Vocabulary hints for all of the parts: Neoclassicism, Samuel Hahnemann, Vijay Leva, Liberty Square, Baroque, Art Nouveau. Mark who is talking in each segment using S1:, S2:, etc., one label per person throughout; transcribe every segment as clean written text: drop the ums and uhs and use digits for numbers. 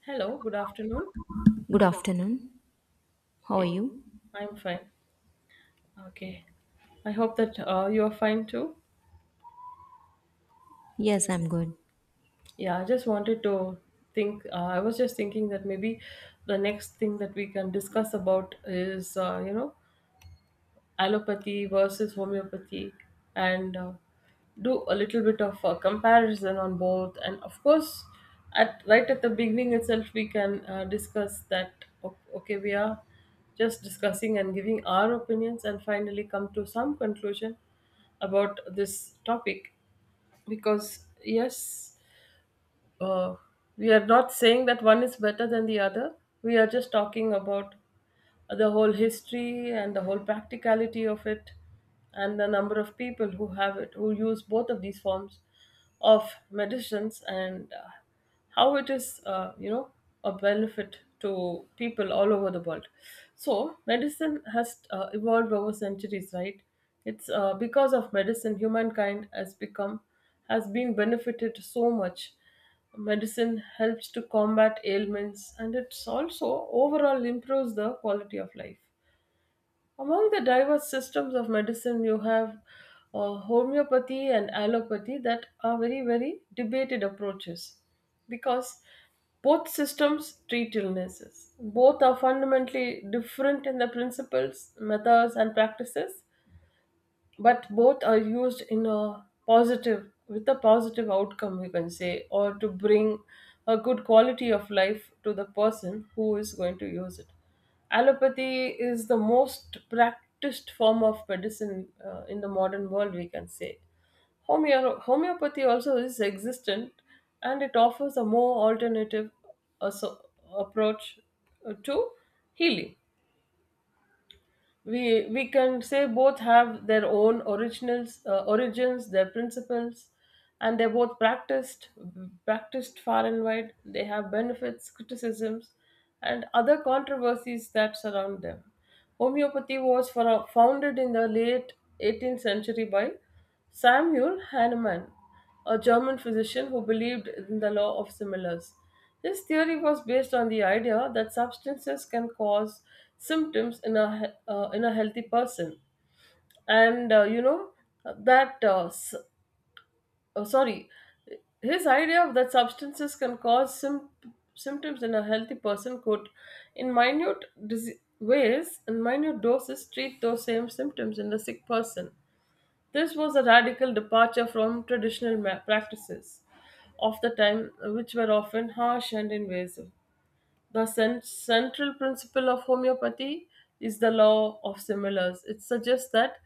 S1: Hello, good afternoon.
S2: Good afternoon. How are
S1: Okay,
S2: you?
S1: I'm fine. Okay, I hope that you are fine too.
S2: Yes, I'm good.
S1: Yeah, I was just thinking that maybe the next thing that we can discuss about is, allopathy versus homeopathy, and do a little bit of comparison on both, and of course, at, right at the beginning itself, we can discuss that, okay, we are just discussing and giving our opinions and finally come to some conclusion about this topic, because yes, uh, we are not saying that one is better than the other. We are just talking about the whole history and the whole practicality of it, and the number of people who have it, who use both of these forms of medicines, and how it is, a benefit to people all over the world. So, medicine has evolved over centuries, right? It's because of medicine, humankind has become has been benefited so much. Medicine helps to combat ailments, and it's also overall improves the quality of life. Among the diverse systems of medicine, you have homeopathy and allopathy, that are very, very debated approaches, because both systems treat illnesses. Both are fundamentally different in the principles, methods, and practices, but both are used in a positive with a positive outcome, we can say, or to bring a good quality of life to the person who is going to use it. Allopathy is the most practiced form of medicine, in the modern world, we can say. Homeopathy also is existent, and it offers a more alternative asso- approach to healing. We can say both have their own originals origins, their principles, and they're both practiced far and wide. They have benefits, criticisms, and other controversies that surround them. Homeopathy was founded in the late 18th century by Samuel Hahnemann, a German physician who believed in the law of similars. His theory was based on the idea that substances can cause symptoms in a healthy person, and you know that s- sorry, his idea of that substances can cause symptoms in a healthy person could, in minute doses, treat those same symptoms in the sick person. This was a radical departure from traditional practices of the time, which were often harsh and invasive. The central principle of homeopathy is the law of similars. It suggests that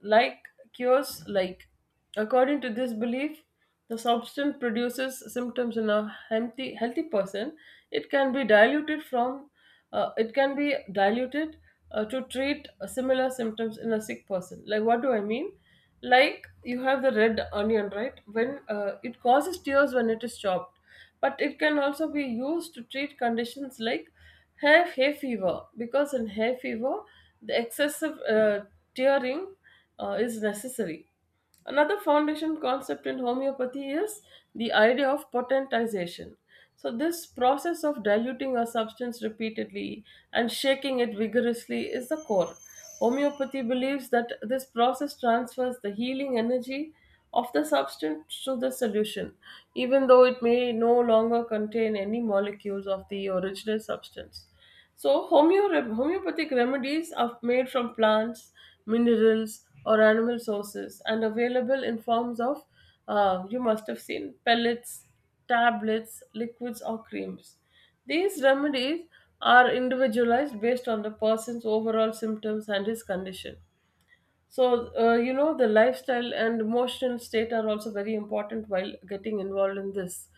S1: like cures like. According to this belief, the substance produces symptoms in a healthy person. It can be diluted from, it can be diluted to treat similar symptoms in a sick person. Like, what do I mean? Like, you have the red onion, right? When it causes tears when it is chopped, but it can also be used to treat conditions like hay fever, because in hay fever the excessive tearing is necessary. Another foundation concept in homeopathy is the idea of potentization. So, this process of diluting a substance repeatedly and shaking it vigorously is the core. Homeopathy believes that this process transfers the healing energy of the substance to the solution, even though it may no longer contain any molecules of the original substance. So, homeopathic remedies are made from plants, minerals, or animal sources, and available in forms of, you must have seen, pellets, tablets, liquids, or creams. These remedies are individualized based on the person's overall symptoms and his condition. So, the lifestyle and emotional state are also very important while getting involved in this,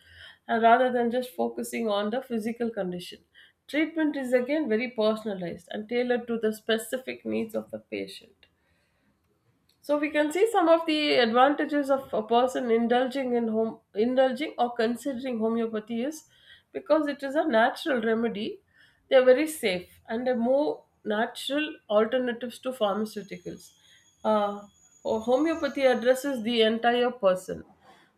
S1: and rather than just focusing on the physical condition. Treatment is again very personalized and tailored to the specific needs of the patient. So, we can see some of the advantages of a person indulging or considering homeopathy is because it is a natural remedy. They are very safe, and they're more natural alternatives to pharmaceuticals. Uh, or homeopathy addresses the entire person,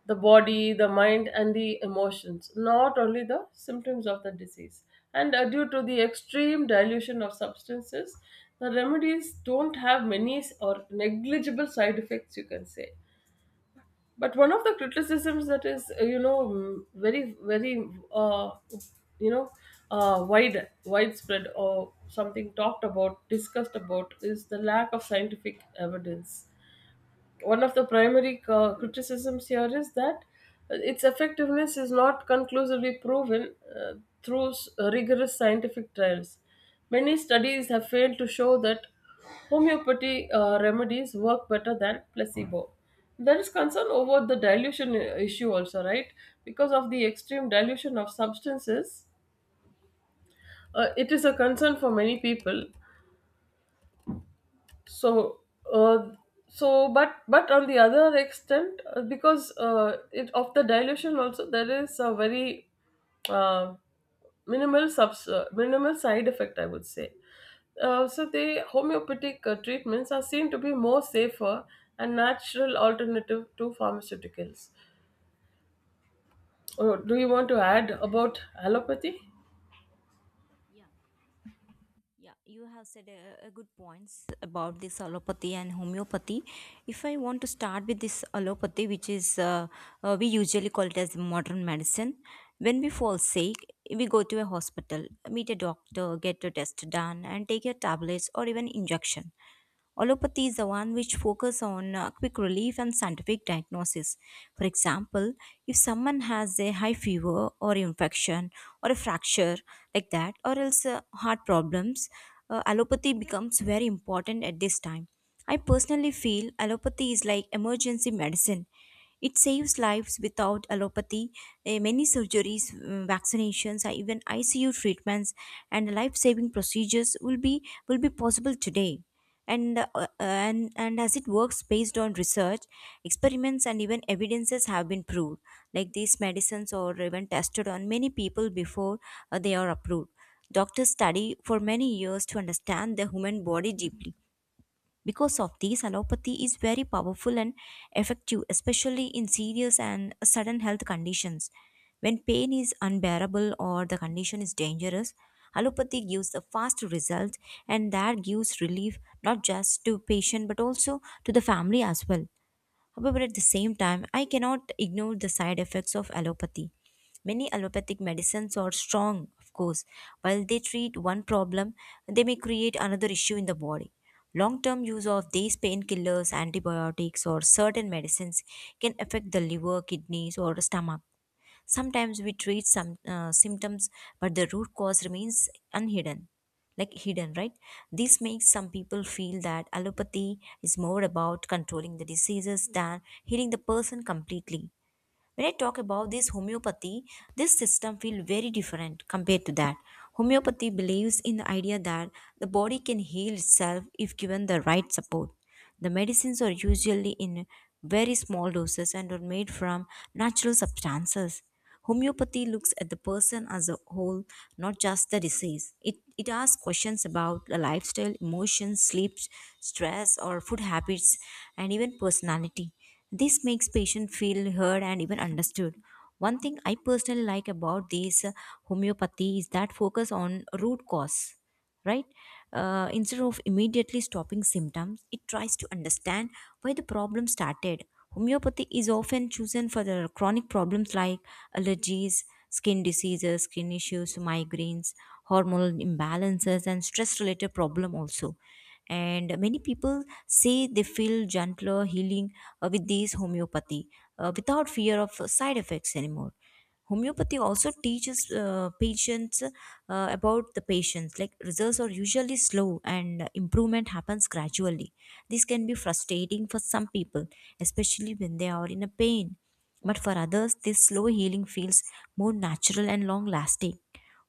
S1: the body, the mind, and the emotions, not only the symptoms of the disease. And due to the extreme dilution of substances, the remedies don't have many, or negligible, side effects, you can say. But one of the criticisms that is, very, very, you know, widespread, or something talked about, discussed about, is the lack of scientific evidence. One of the primary criticisms here is that its effectiveness is not conclusively proven through rigorous scientific trials. Many studies have failed to show that homeopathy remedies work better than placebo. There is concern over the dilution issue, also, right? Because of the extreme dilution of substances, it is a concern for many people. So uh, so but but on the other extent, because it, of the dilution also, there is a very uh, minimal side effect, I would say. So, the homeopathic treatments are seen to be more safer and natural alternative to pharmaceuticals. Oh, do you want to add about allopathy?
S2: Yeah, yeah, you have said a good points about this allopathy and homeopathy. If I want to start with this allopathy, which is we usually call it as modern medicine, when we fall sick, we go to a hospital, meet a doctor, get a test done, and take a tablets or even injection. Allopathy is the one which focus on quick relief and scientific diagnosis. For example, if someone has a high fever or infection or a fracture like that, or else heart problems, allopathy becomes very important at this time. I personally feel allopathy is like emergency medicine. It saves lives. Without allopathy, many surgeries, vaccinations, or even ICU treatments and life-saving procedures will be possible today. And as it works based on research, experiments and even evidences have been proved. Like these medicines are even tested on many people before they are approved. Doctors study for many years to understand the human body deeply. Because of this, allopathy is very powerful and effective, especially in serious and sudden health conditions. When pain is unbearable or the condition is dangerous, allopathy gives the fast result, and that gives relief not just to patient but also to the family as well. However, at the same time, I cannot ignore the side effects of allopathy. Many allopathic medicines are strong, of course. While they treat one problem, they may create another issue in the body. Long term use of these painkillers, antibiotics, or certain medicines can affect the liver, kidneys, or stomach. Sometimes we treat some symptoms, but the root cause remains unhidden, like hidden, right? This makes some people feel that allopathy is more about controlling the diseases than healing the person completely. When I talk about this homeopathy, this system feels very different compared to that. Homeopathy believes in the idea that the body can heal itself if given the right support. The medicines are usually in very small doses and are made from natural substances. Homeopathy looks at the person as a whole, not just the disease. It asks questions about the lifestyle, emotions, sleep, stress, or food habits, and even personality. This makes patients feel heard and even understood. One thing I personally like about this homeopathy is that focus on root cause, right? Instead of immediately stopping symptoms, it tries to understand why the problem started. Homeopathy is often chosen for the chronic problems like allergies, skin diseases, skin issues, migraines, hormonal imbalances, and stress related problem also. And many people say they feel gentler healing with these homeopathy without fear of side effects anymore. Homeopathy also teaches patients about the patients, like results are usually slow and improvement happens gradually. This can be frustrating for some people, especially when they are in a pain, but for others this slow healing feels more natural and long lasting.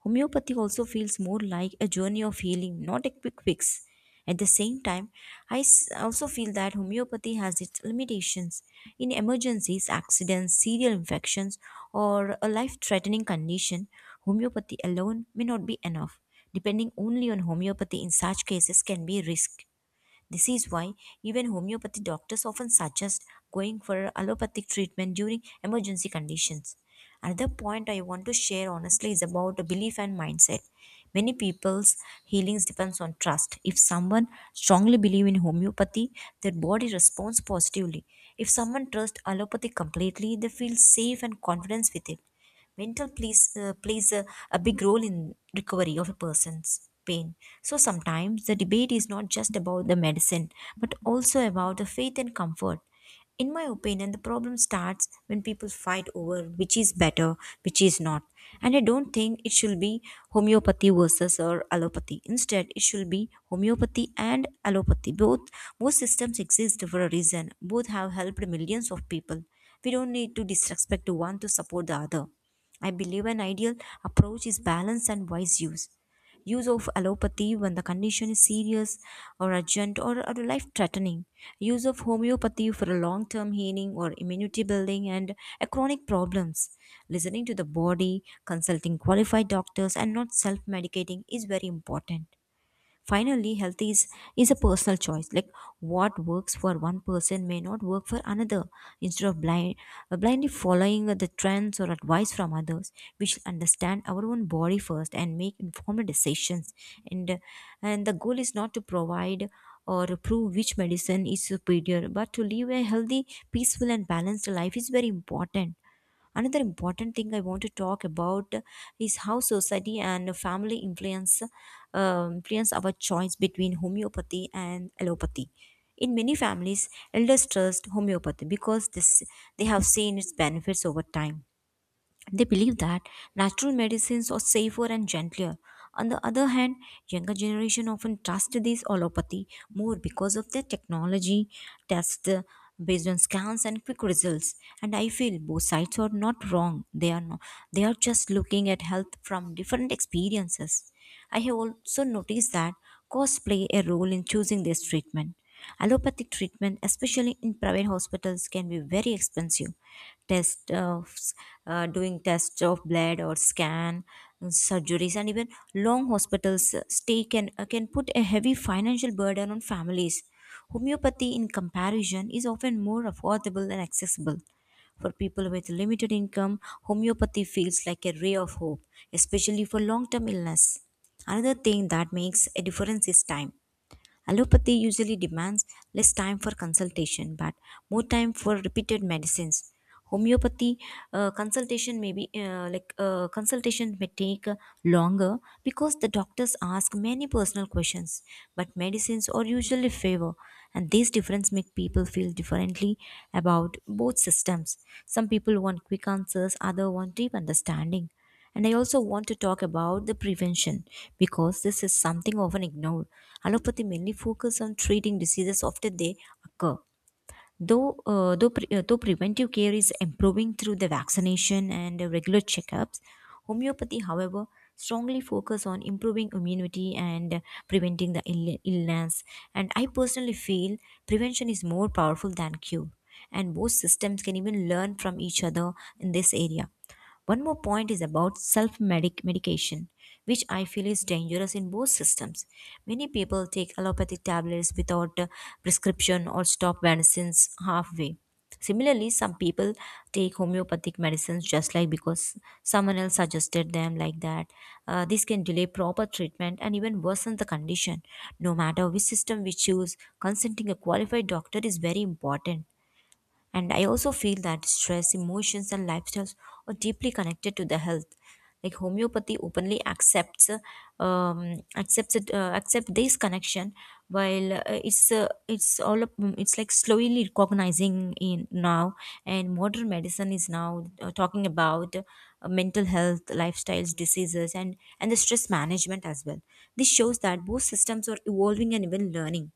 S2: Homeopathy also feels more like a journey of healing, not a quick fix. At the same time, also feel that homeopathy has its limitations. In emergencies, accidents, serial infections, or a life threatening condition, homeopathy alone may not be enough. Depending only on homeopathy in such cases can be risk. This is why even homeopathy doctors often suggest going for allopathic treatment during emergency conditions. Another point I want to share honestly is about the belief and mindset. Many people's healings depends on trust. If someone strongly believe in homeopathy, their body responds positively. If someone trusts allopathy completely, they feel safe and confidence with it. Mental plays a big role in recovery of a person's pain. So sometimes the debate is not just about the medicine, but also about the faith and comfort. In my opinion, the problem starts when people fight over which is better, which is not. And I don't think it should be homeopathy versus or allopathy. Instead, it should be homeopathy and allopathy. Both systems exist for a reason. Both have helped millions of people. We don't need to disrespect one to support the other. I believe an ideal approach is balance and wise use. Use of allopathy when the condition is serious or urgent, or life threatening. Use of homeopathy for a long term healing or immunity building and chronic problems. Listening to the body, consulting qualified doctors, and not self medicating is very important. Finally, is a personal choice. Like what works for one person may not work for another. Instead of blindly following the trends or advice from others, we should understand our own body first and make informed decisions. And, uh, and the goal is not to provide or prove which medicine is superior, but to live a healthy, peaceful, and balanced life is very important. Another important thing I want to talk about is how society and family influence our choice between homeopathy and allopathy. In many families, elders trust homeopathy because this, they have seen its benefits over time. They believe that natural medicines are safer and gentler. On the other hand, younger generation often trust these allopathy more because of their technology tests based on scans and quick results. And I feel both sides are not wrong. They are not, they are just looking at health from different experiences. I have also noticed that costs play a role in choosing this treatment. Allopathic treatment, especially in private hospitals, can be very expensive. Test of Doing tests of blood or scan, surgeries, and even long hospitals stay can put a heavy financial burden on families. Homeopathy, in comparison, is often more affordable and accessible. For people with limited income, homeopathy feels like a ray of hope, especially for long term illness. Another thing that makes a difference is time. Allopathy usually demands less time for consultation but more time for repeated medicines. Homeopathy consultation may take longer because the doctors ask many personal questions, but medicines are usually favor, and these difference make people feel differently about both systems. Some people want quick answers, other want deep understanding. And I also want to talk about the prevention because this is something often ignored. Allopathy mainly focuses on treating diseases after they occur. Though preventive care is improving through the vaccination and regular checkups, homeopathy, however, strongly focus on improving immunity and illness. And I personally feel prevention is more powerful than cure, and both systems can even learn from each other in this area. One more point is about self medication, which I feel is dangerous in both systems. Many people take allopathic tablets without a prescription or stop medicines halfway. Similarly, some people take homeopathic medicines just like because someone else suggested them like that. This can delay proper treatment and even worsen the condition. No matter which system we choose, consulting a qualified doctor is very important. And I also feel that stress, emotions, and lifestyles are deeply connected to the health. Like homeopathy openly accept this connection, while it's like slowly recognizing in now, and modern medicine is now talking about mental health, lifestyles, diseases, and the stress management as well. This shows that both systems are evolving and even learning.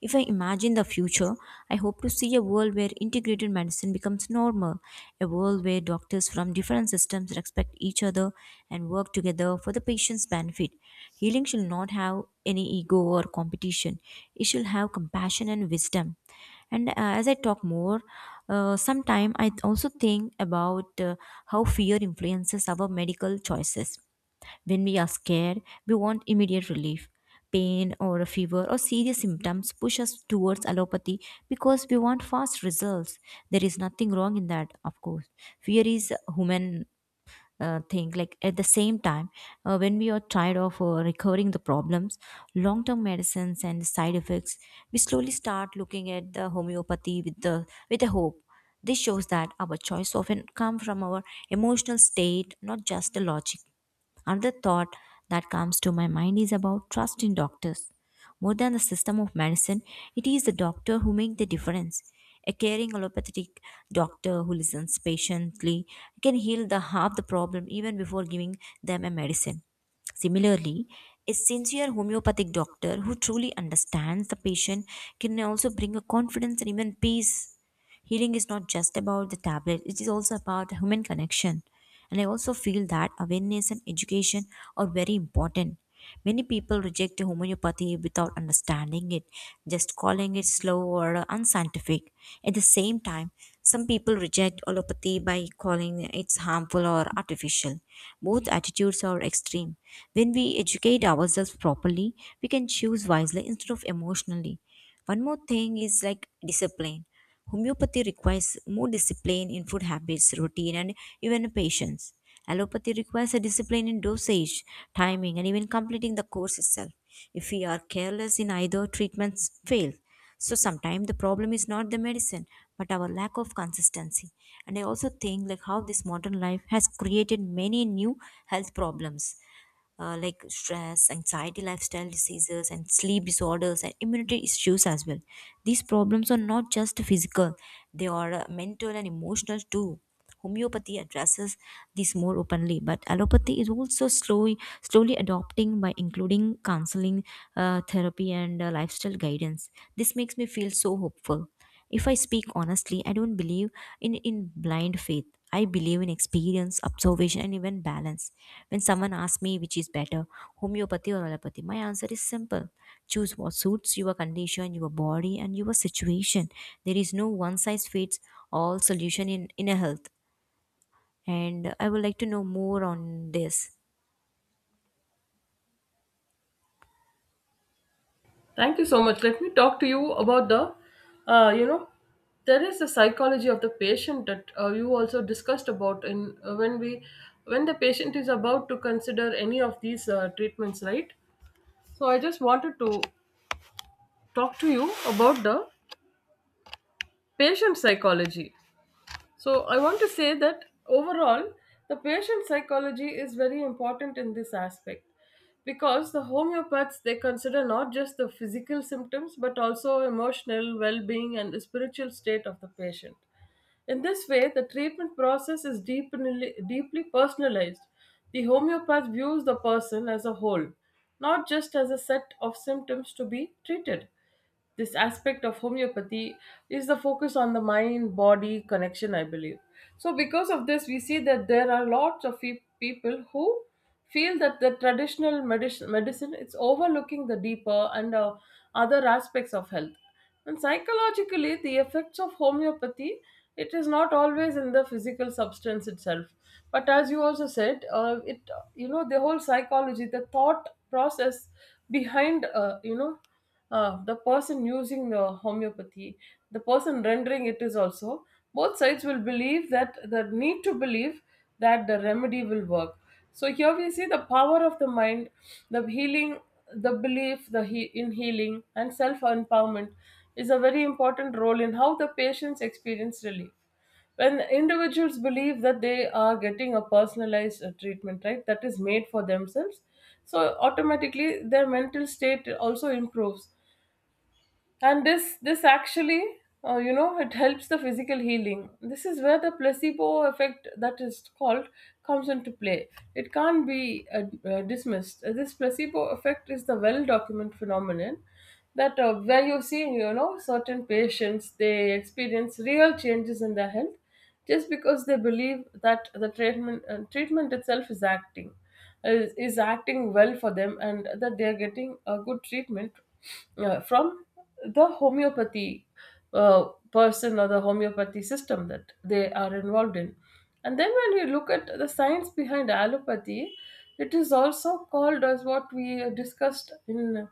S2: If I imagine the future, I hope to see a world where integrated medicine becomes normal, a world where doctors from different systems respect each other and work together for the patient's benefit. Healing shall not have any ego or competition, it shall have compassion and wisdom. And as I talk more, sometime I also think about how fear influences our medical choices. When we are scared, we want immediate relief. Pain or a fever or serious symptoms push us towards allopathy because we want fast results. There is nothing wrong in that, of course. Fear is human thing. Like at the same time, when we are tired of recurring the problems, long term medicines and side effects, we slowly start looking at the homeopathy with a hope. This shows that our choice often come from our emotional state, not just the logic. Another thought that comes to my mind is about trust in doctors. More than the system of medicine, it is the doctor who makes the difference. A caring allopathic doctor who listens patiently can heal the half the problem even before giving them a medicine. Similarly, a sincere homeopathic doctor who truly understands the patient can also bring a confidence and even peace. Healing is not just about the tablet, it is also about human connection. And I also feel that awareness and education are very important. Many people reject homeopathy without understanding it, just calling it slow or unscientific. At the same time, some people reject allopathy by calling it harmful or artificial. Both attitudes are extreme. When we educate ourselves properly, we can choose wisely instead of emotionally. One more thing is like discipline. Homeopathy requires more discipline in food habits, routine, and even patience. Allopathy requires a discipline in dosage, timing, and even completing the course itself. If we are careless in either, treatments fail. So sometimes the problem is not the medicine, but our lack of consistency. And I also think like how this modern life has created many new health problems like stress, anxiety, lifestyle diseases, and sleep disorders, and immunity issues as well. These problems are not just physical, they are mental and emotional too. Homeopathy addresses this more openly, but allopathy is also slowly, slowly adopting by including counseling, therapy, and lifestyle guidance. This makes me feel so hopeful. If I speak honestly, I don't believe in blind faith. I believe in experience, observation, and even balance. When someone asks me which is better, homeopathy or allopathy, my answer is simple. Choose what suits your condition, your body, and your situation. There is no one size fits all solution in a health. And I would like to know more on this.
S1: Thank you so much. Let me talk to you about the, uh, you know, there is the psychology of the patient that you also discussed about when the patient is about to consider any of these treatments, right? So, I just wanted to talk to you about the patient psychology. So, I want to say that overall, the patient psychology is very important in this aspect, because the homeopaths, they consider not just the physical symptoms, but also emotional well-being and the spiritual state of the patient. In this way, the treatment process is deeply, deeply personalized. The homeopath views the person as a whole, not just as a set of symptoms to be treated. This aspect of homeopathy is the focus on the mind body connection, I believe. So, because of this, we see that there are lots of people who feel that the traditional medicine, it's overlooking the deeper and other aspects of health. And psychologically, the effects of homeopathy, it is not always in the physical substance itself, but as you also said, it, the whole psychology, the thought process behind, the person using the homeopathy, the person rendering it is also, both sides will believe, that the need to believe that the remedy will work. So here we see the power of the mind, the healing, the belief, in healing and self empowerment is a very important role in how the patients experience relief. When individuals believe that they are getting a personalized treatment, right, that is made for themselves, so automatically their mental state also improves, and this actually, it helps the physical healing. This is where the placebo effect, that is called, comes into play. It can't be uh, dismissed. This placebo effect is the well documented phenomenon, that where you see, certain patients, they experience real changes in their health just because they believe that the treatment itself is acting well for them, and that they are getting a good treatment from the homeopathy uh, person or the homeopathy system that they are involved in. And then, when we look at the science behind allopathy, it is also called, as what we discussed in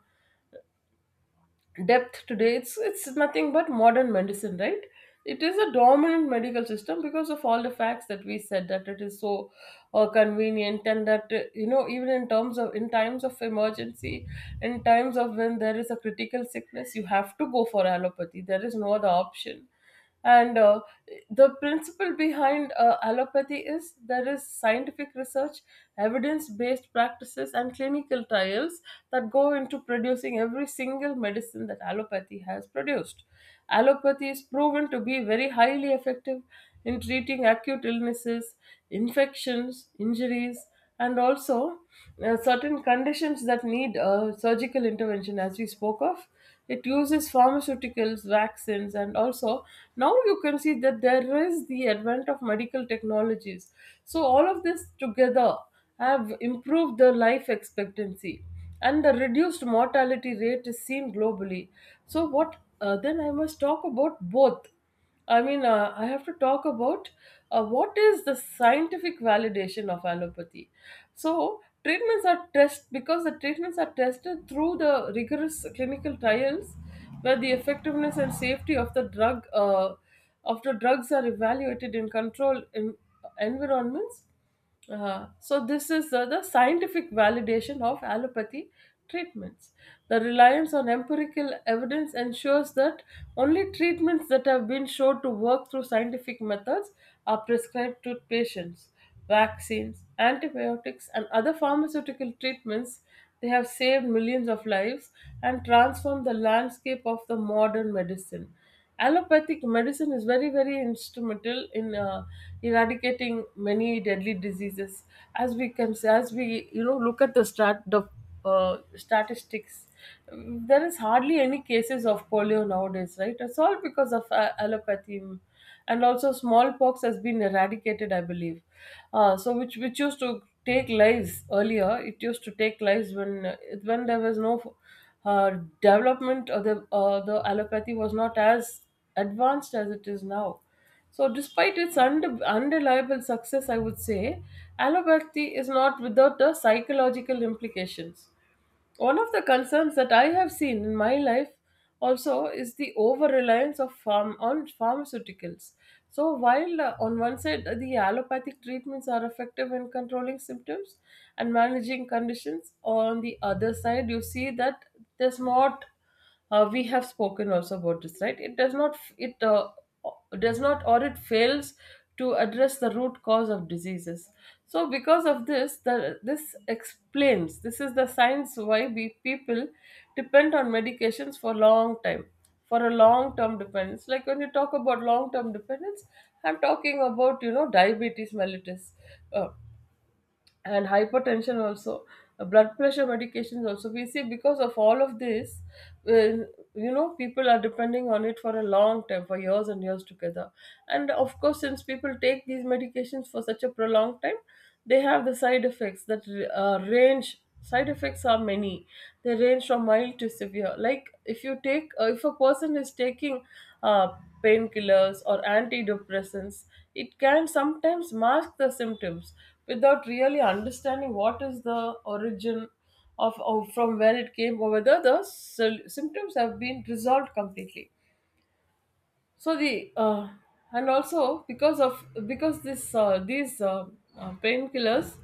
S1: depth today, it's nothing but modern medicine, right. It is a dominant medical system because of all the facts that we said, that it is so convenient, and that, even in times of emergency, in times of when there is a critical sickness, you have to go for allopathy, there is no other option. And the principle behind allopathy is, there is scientific research, evidence based practices, and clinical trials that go into producing every single medicine that allopathy has produced. Allopathy is proven to be very highly effective in treating acute illnesses, infections, injuries, and also certain conditions that need surgical intervention, as we spoke of. It uses pharmaceuticals, vaccines, and also, now, you can see that there is the advent of medical technologies. So, all of this together have improved the life expectancy, and the reduced mortality rate is seen globally. So, what, then I must talk about both. I mean, I have to talk about what is the scientific validation of allopathy. So, treatments are tested through the rigorous clinical trials, where the effectiveness and safety of the drugs are evaluated in controlled environments. So, this is the scientific validation of allopathy treatments. The reliance on empirical evidence ensures that only treatments that have been shown to work through scientific methods are prescribed to patients. Vaccines, antibiotics, and other pharmaceutical treatments, they have saved millions of lives and transformed the landscape of the modern medicine. Allopathic medicine is very very instrumental in eradicating many deadly diseases, as we can say, as we, you know, look at the statistics. There is hardly any cases of polio nowadays, right? It's all because of allopathy, and also smallpox has been eradicated, I believe. Which used to take lives earlier. It used to take lives when there was no uh, development, or the allopathy was not as advanced as it is now. So despite its undeniable success, I would say allopathy is not without the psychological implications. One of the concerns that I have seen in my life also is the over reliance of farm on pharmaceuticals. So while, on one side, the allopathic treatments are effective in controlling symptoms and managing conditions, on the other side you see that there's not, we have spoken also about this, right? It does not, it does not, or it fails to address the root cause of diseases. So because of this, the this explains, this is the science why we people depend on medications for long time, for a long term dependence. Like when you talk about long term dependence, I'm talking about, you know, diabetes mellitus, uh, and hypertension also. Blood pressure medications also we see, because of all of this, uh, you know, people are depending on it for a long time, for years and years together. And of course, since people take these medications for such a prolonged time, they have the side effects that, range side effects are many. They range from mild to severe. Like if you take if a person is taking uh, painkillers or antidepressants, it can sometimes mask the symptoms without really understanding what is the origin of from where it came, or whether the symptoms have been resolved completely. So the and also because this these painkillers,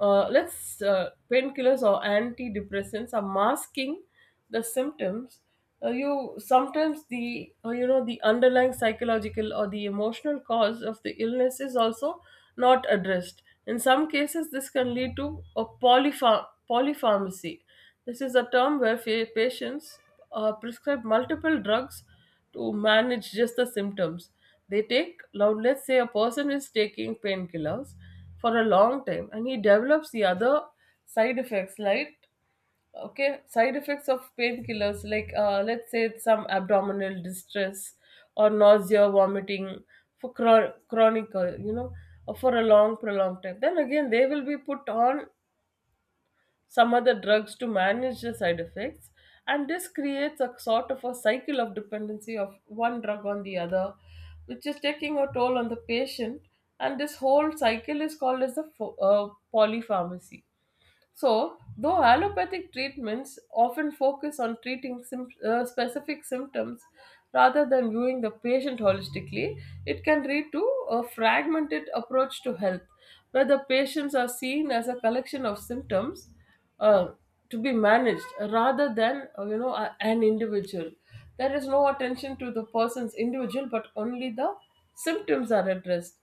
S1: let's painkillers or antidepressants are masking the symptoms. You sometimes the, you know, the underlying psychological or the emotional cause of the illness is also not addressed. In some cases this can lead to a polypharmacy. This is a term where patients prescribed multiple drugs to manage just the symptoms. They take, now let's say a person is taking painkillers for a long time and he develops the other side effects, like, okay, side effects of painkillers, like, let's say it's some abdominal distress or nausea, vomiting, for chronic, for a long, prolonged time. Then again, they will be put on some other drugs to manage the side effects. And this creates a sort of a cycle of dependency of one drug on the other, which is taking a toll on the patient. And this whole cycle is called as the polypharmacy. So, though allopathic treatments often focus on treating specific symptoms rather than viewing the patient holistically, it can lead to a fragmented approach to health, where the patients are seen as a collection of symptoms uh, to be managed rather than, you know, an individual. There is no attention to the person's individual, but only the symptoms are addressed.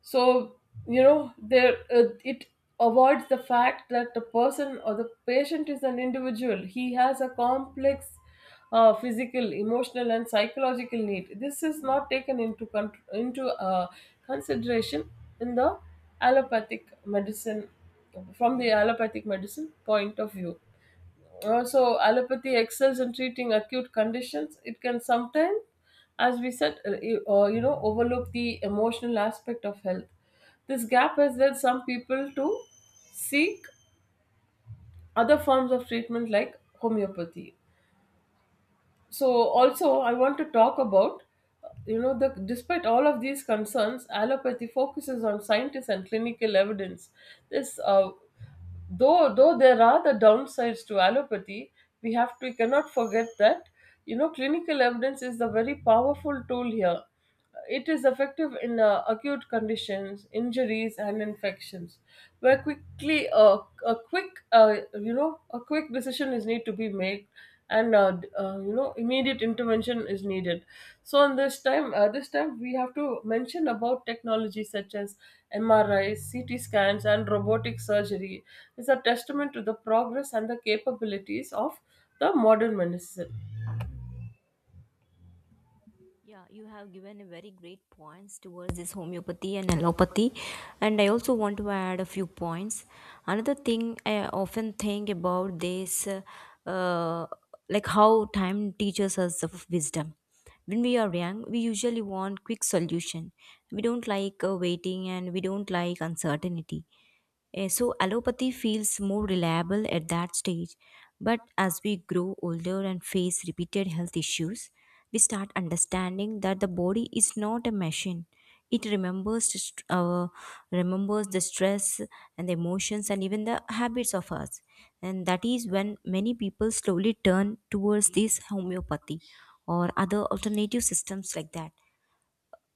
S1: So, you know, there it avoids the fact that the person or the patient is an individual. He has a complex physical, emotional and psychological need. This is not taken into, consideration in the allopathic medicine, from the allopathic medicine point of view. Also, allopathy excels in treating acute conditions. It can sometimes, as we said, you know, overlook the emotional aspect of health. This gap has led some people to seek other forms of treatment like homeopathy. So also I want to talk about, you know, the despite all of these concerns, allopathy focuses on scientists and clinical evidence. This uh, though though there are the downsides to allopathy, we have to, we cannot forget that, you know, clinical evidence is a very powerful tool here. It is effective in acute conditions, injuries and infections, where quickly a quick, you know, a quick decision is need to be made, and you know, immediate intervention is needed. So in this time, this time we have to mention about technology such as MRI, CT scans and robotic surgery is a testament to the progress and the capabilities of the modern medicine.
S2: Yeah, you have given a very great points towards this homeopathy and allopathy, and I also want to add a few points. Another thing I often think about this, uh, like how time teaches us of wisdom. When we are young, we usually want quick solution. We don't like waiting, and we don't like uncertainty. So, allopathy feels more reliable at that stage, but as we grow older and face repeated health issues, we start understanding that the body is not a machine. It remembers, remembers the stress and the emotions and even the habits of us. And that is when many people slowly turn towards this homeopathy or other alternative systems like that.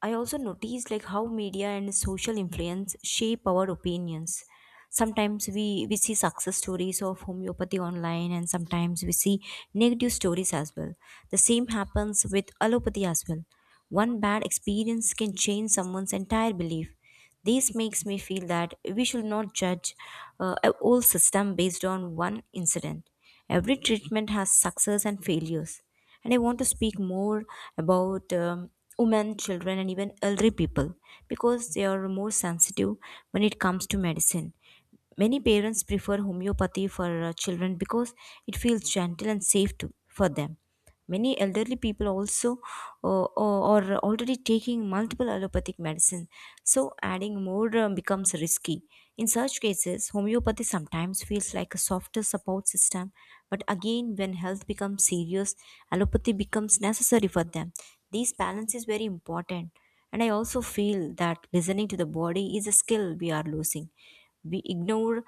S2: I also notice like how media and social influence shape our opinions. Sometimes we see success stories of homeopathy online, and sometimes we see negative stories as well. The same happens with allopathy as well. One bad experience can change someone's entire belief. This makes me feel that we should not judge a whole system based on one incident. Every treatment has success and failures, and I want to speak more about women, children, and even elderly people, because they are more sensitive when it comes to medicine. Many parents prefer homeopathy for children because it feels gentle and safe to, for them. Many elderly people also are already taking multiple allopathic medicine, so adding more becomes risky. In such cases, homeopathy sometimes feels like a softer support system, but again, when health becomes serious, allopathy becomes necessary for them. This balance is very important. And I also feel that listening to the body is a skill we are losing. We ignore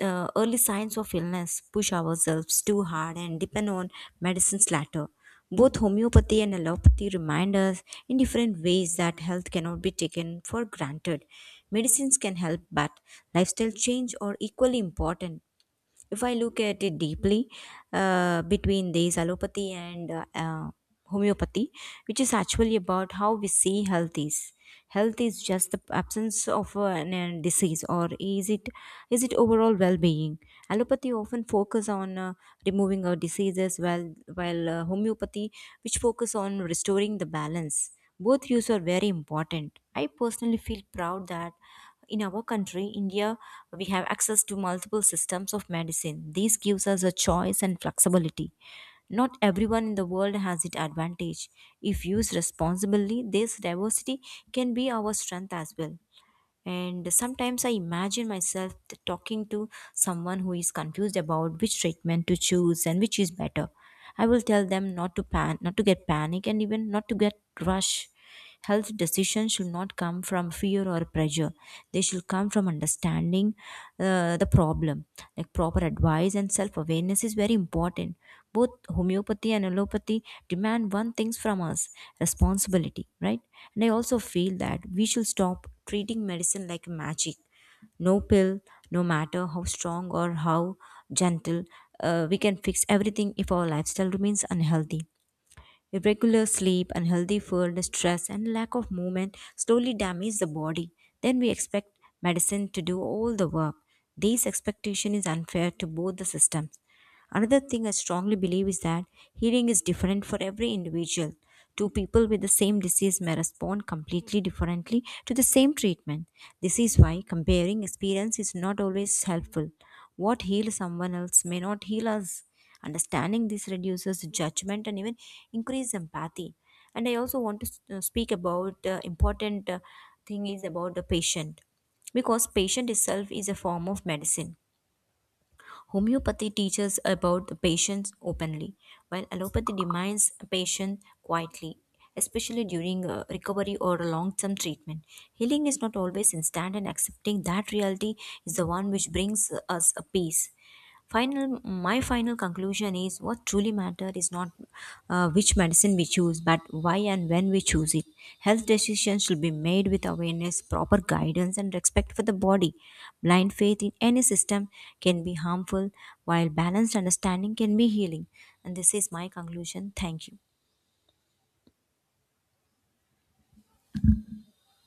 S2: early signs of illness, push ourselves too hard, and depend on medicine's latter. Both homeopathy and allopathy remind us in different ways that health cannot be taken for granted. Medicines can help, but lifestyle change are equally important. If I look at it deeply, between these allopathy and homeopathy, which is actually about how we see health is. Health is just the absence of a disease, or is it overall well-being? Allopathy often focus on removing our diseases, while homeopathy, which focus on restoring the balance. Both views are very important. I personally feel proud that in our country India we have access to multiple systems of medicine. This gives us a choice and flexibility. Not everyone in the world has it advantage. If used responsibly, this diversity can be our strength as well. And sometimes I imagine myself talking to someone who is confused about which treatment to choose and which is better. I will tell them not to get panic and even not to get rush. Health decisions should not come from fear or pressure. They should come from understanding the problem. Like proper advice and self awareness is very important. Both homeopathy and allopathy demand one thing from us, responsibility, right? And I also feel that we should stop treating medicine like magic. No pill, no matter how strong or how gentle, we can fix everything if our lifestyle remains unhealthy. Irregular sleep, unhealthy food, stress, and lack of movement slowly damage the body. Then we expect medicine to do all the work. This expectation is unfair to both the systems. Another thing I strongly believe is that healing is different for every individual. Two people with the same disease may respond completely differently to the same treatment. This is why comparing experience is not always helpful. What heals someone else may not heal us. Understanding this reduces judgment and even increases empathy. And I also want to speak about important thing is about the patient, because patient itself is a form of medicine. Homeopathy teaches about the patients openly, while allopathy demands a patient quietly, especially during recovery or long term treatment. Healing is not always instant, and accepting that reality is the one which brings us a peace. Final My final conclusion is what truly matters is not which medicine we choose, but why and when we choose it. Health decisions should be made with awareness, proper guidance, and respect for the body. Blind faith in any system can be harmful, while balanced understanding can be healing. And this is my conclusion. Thank you.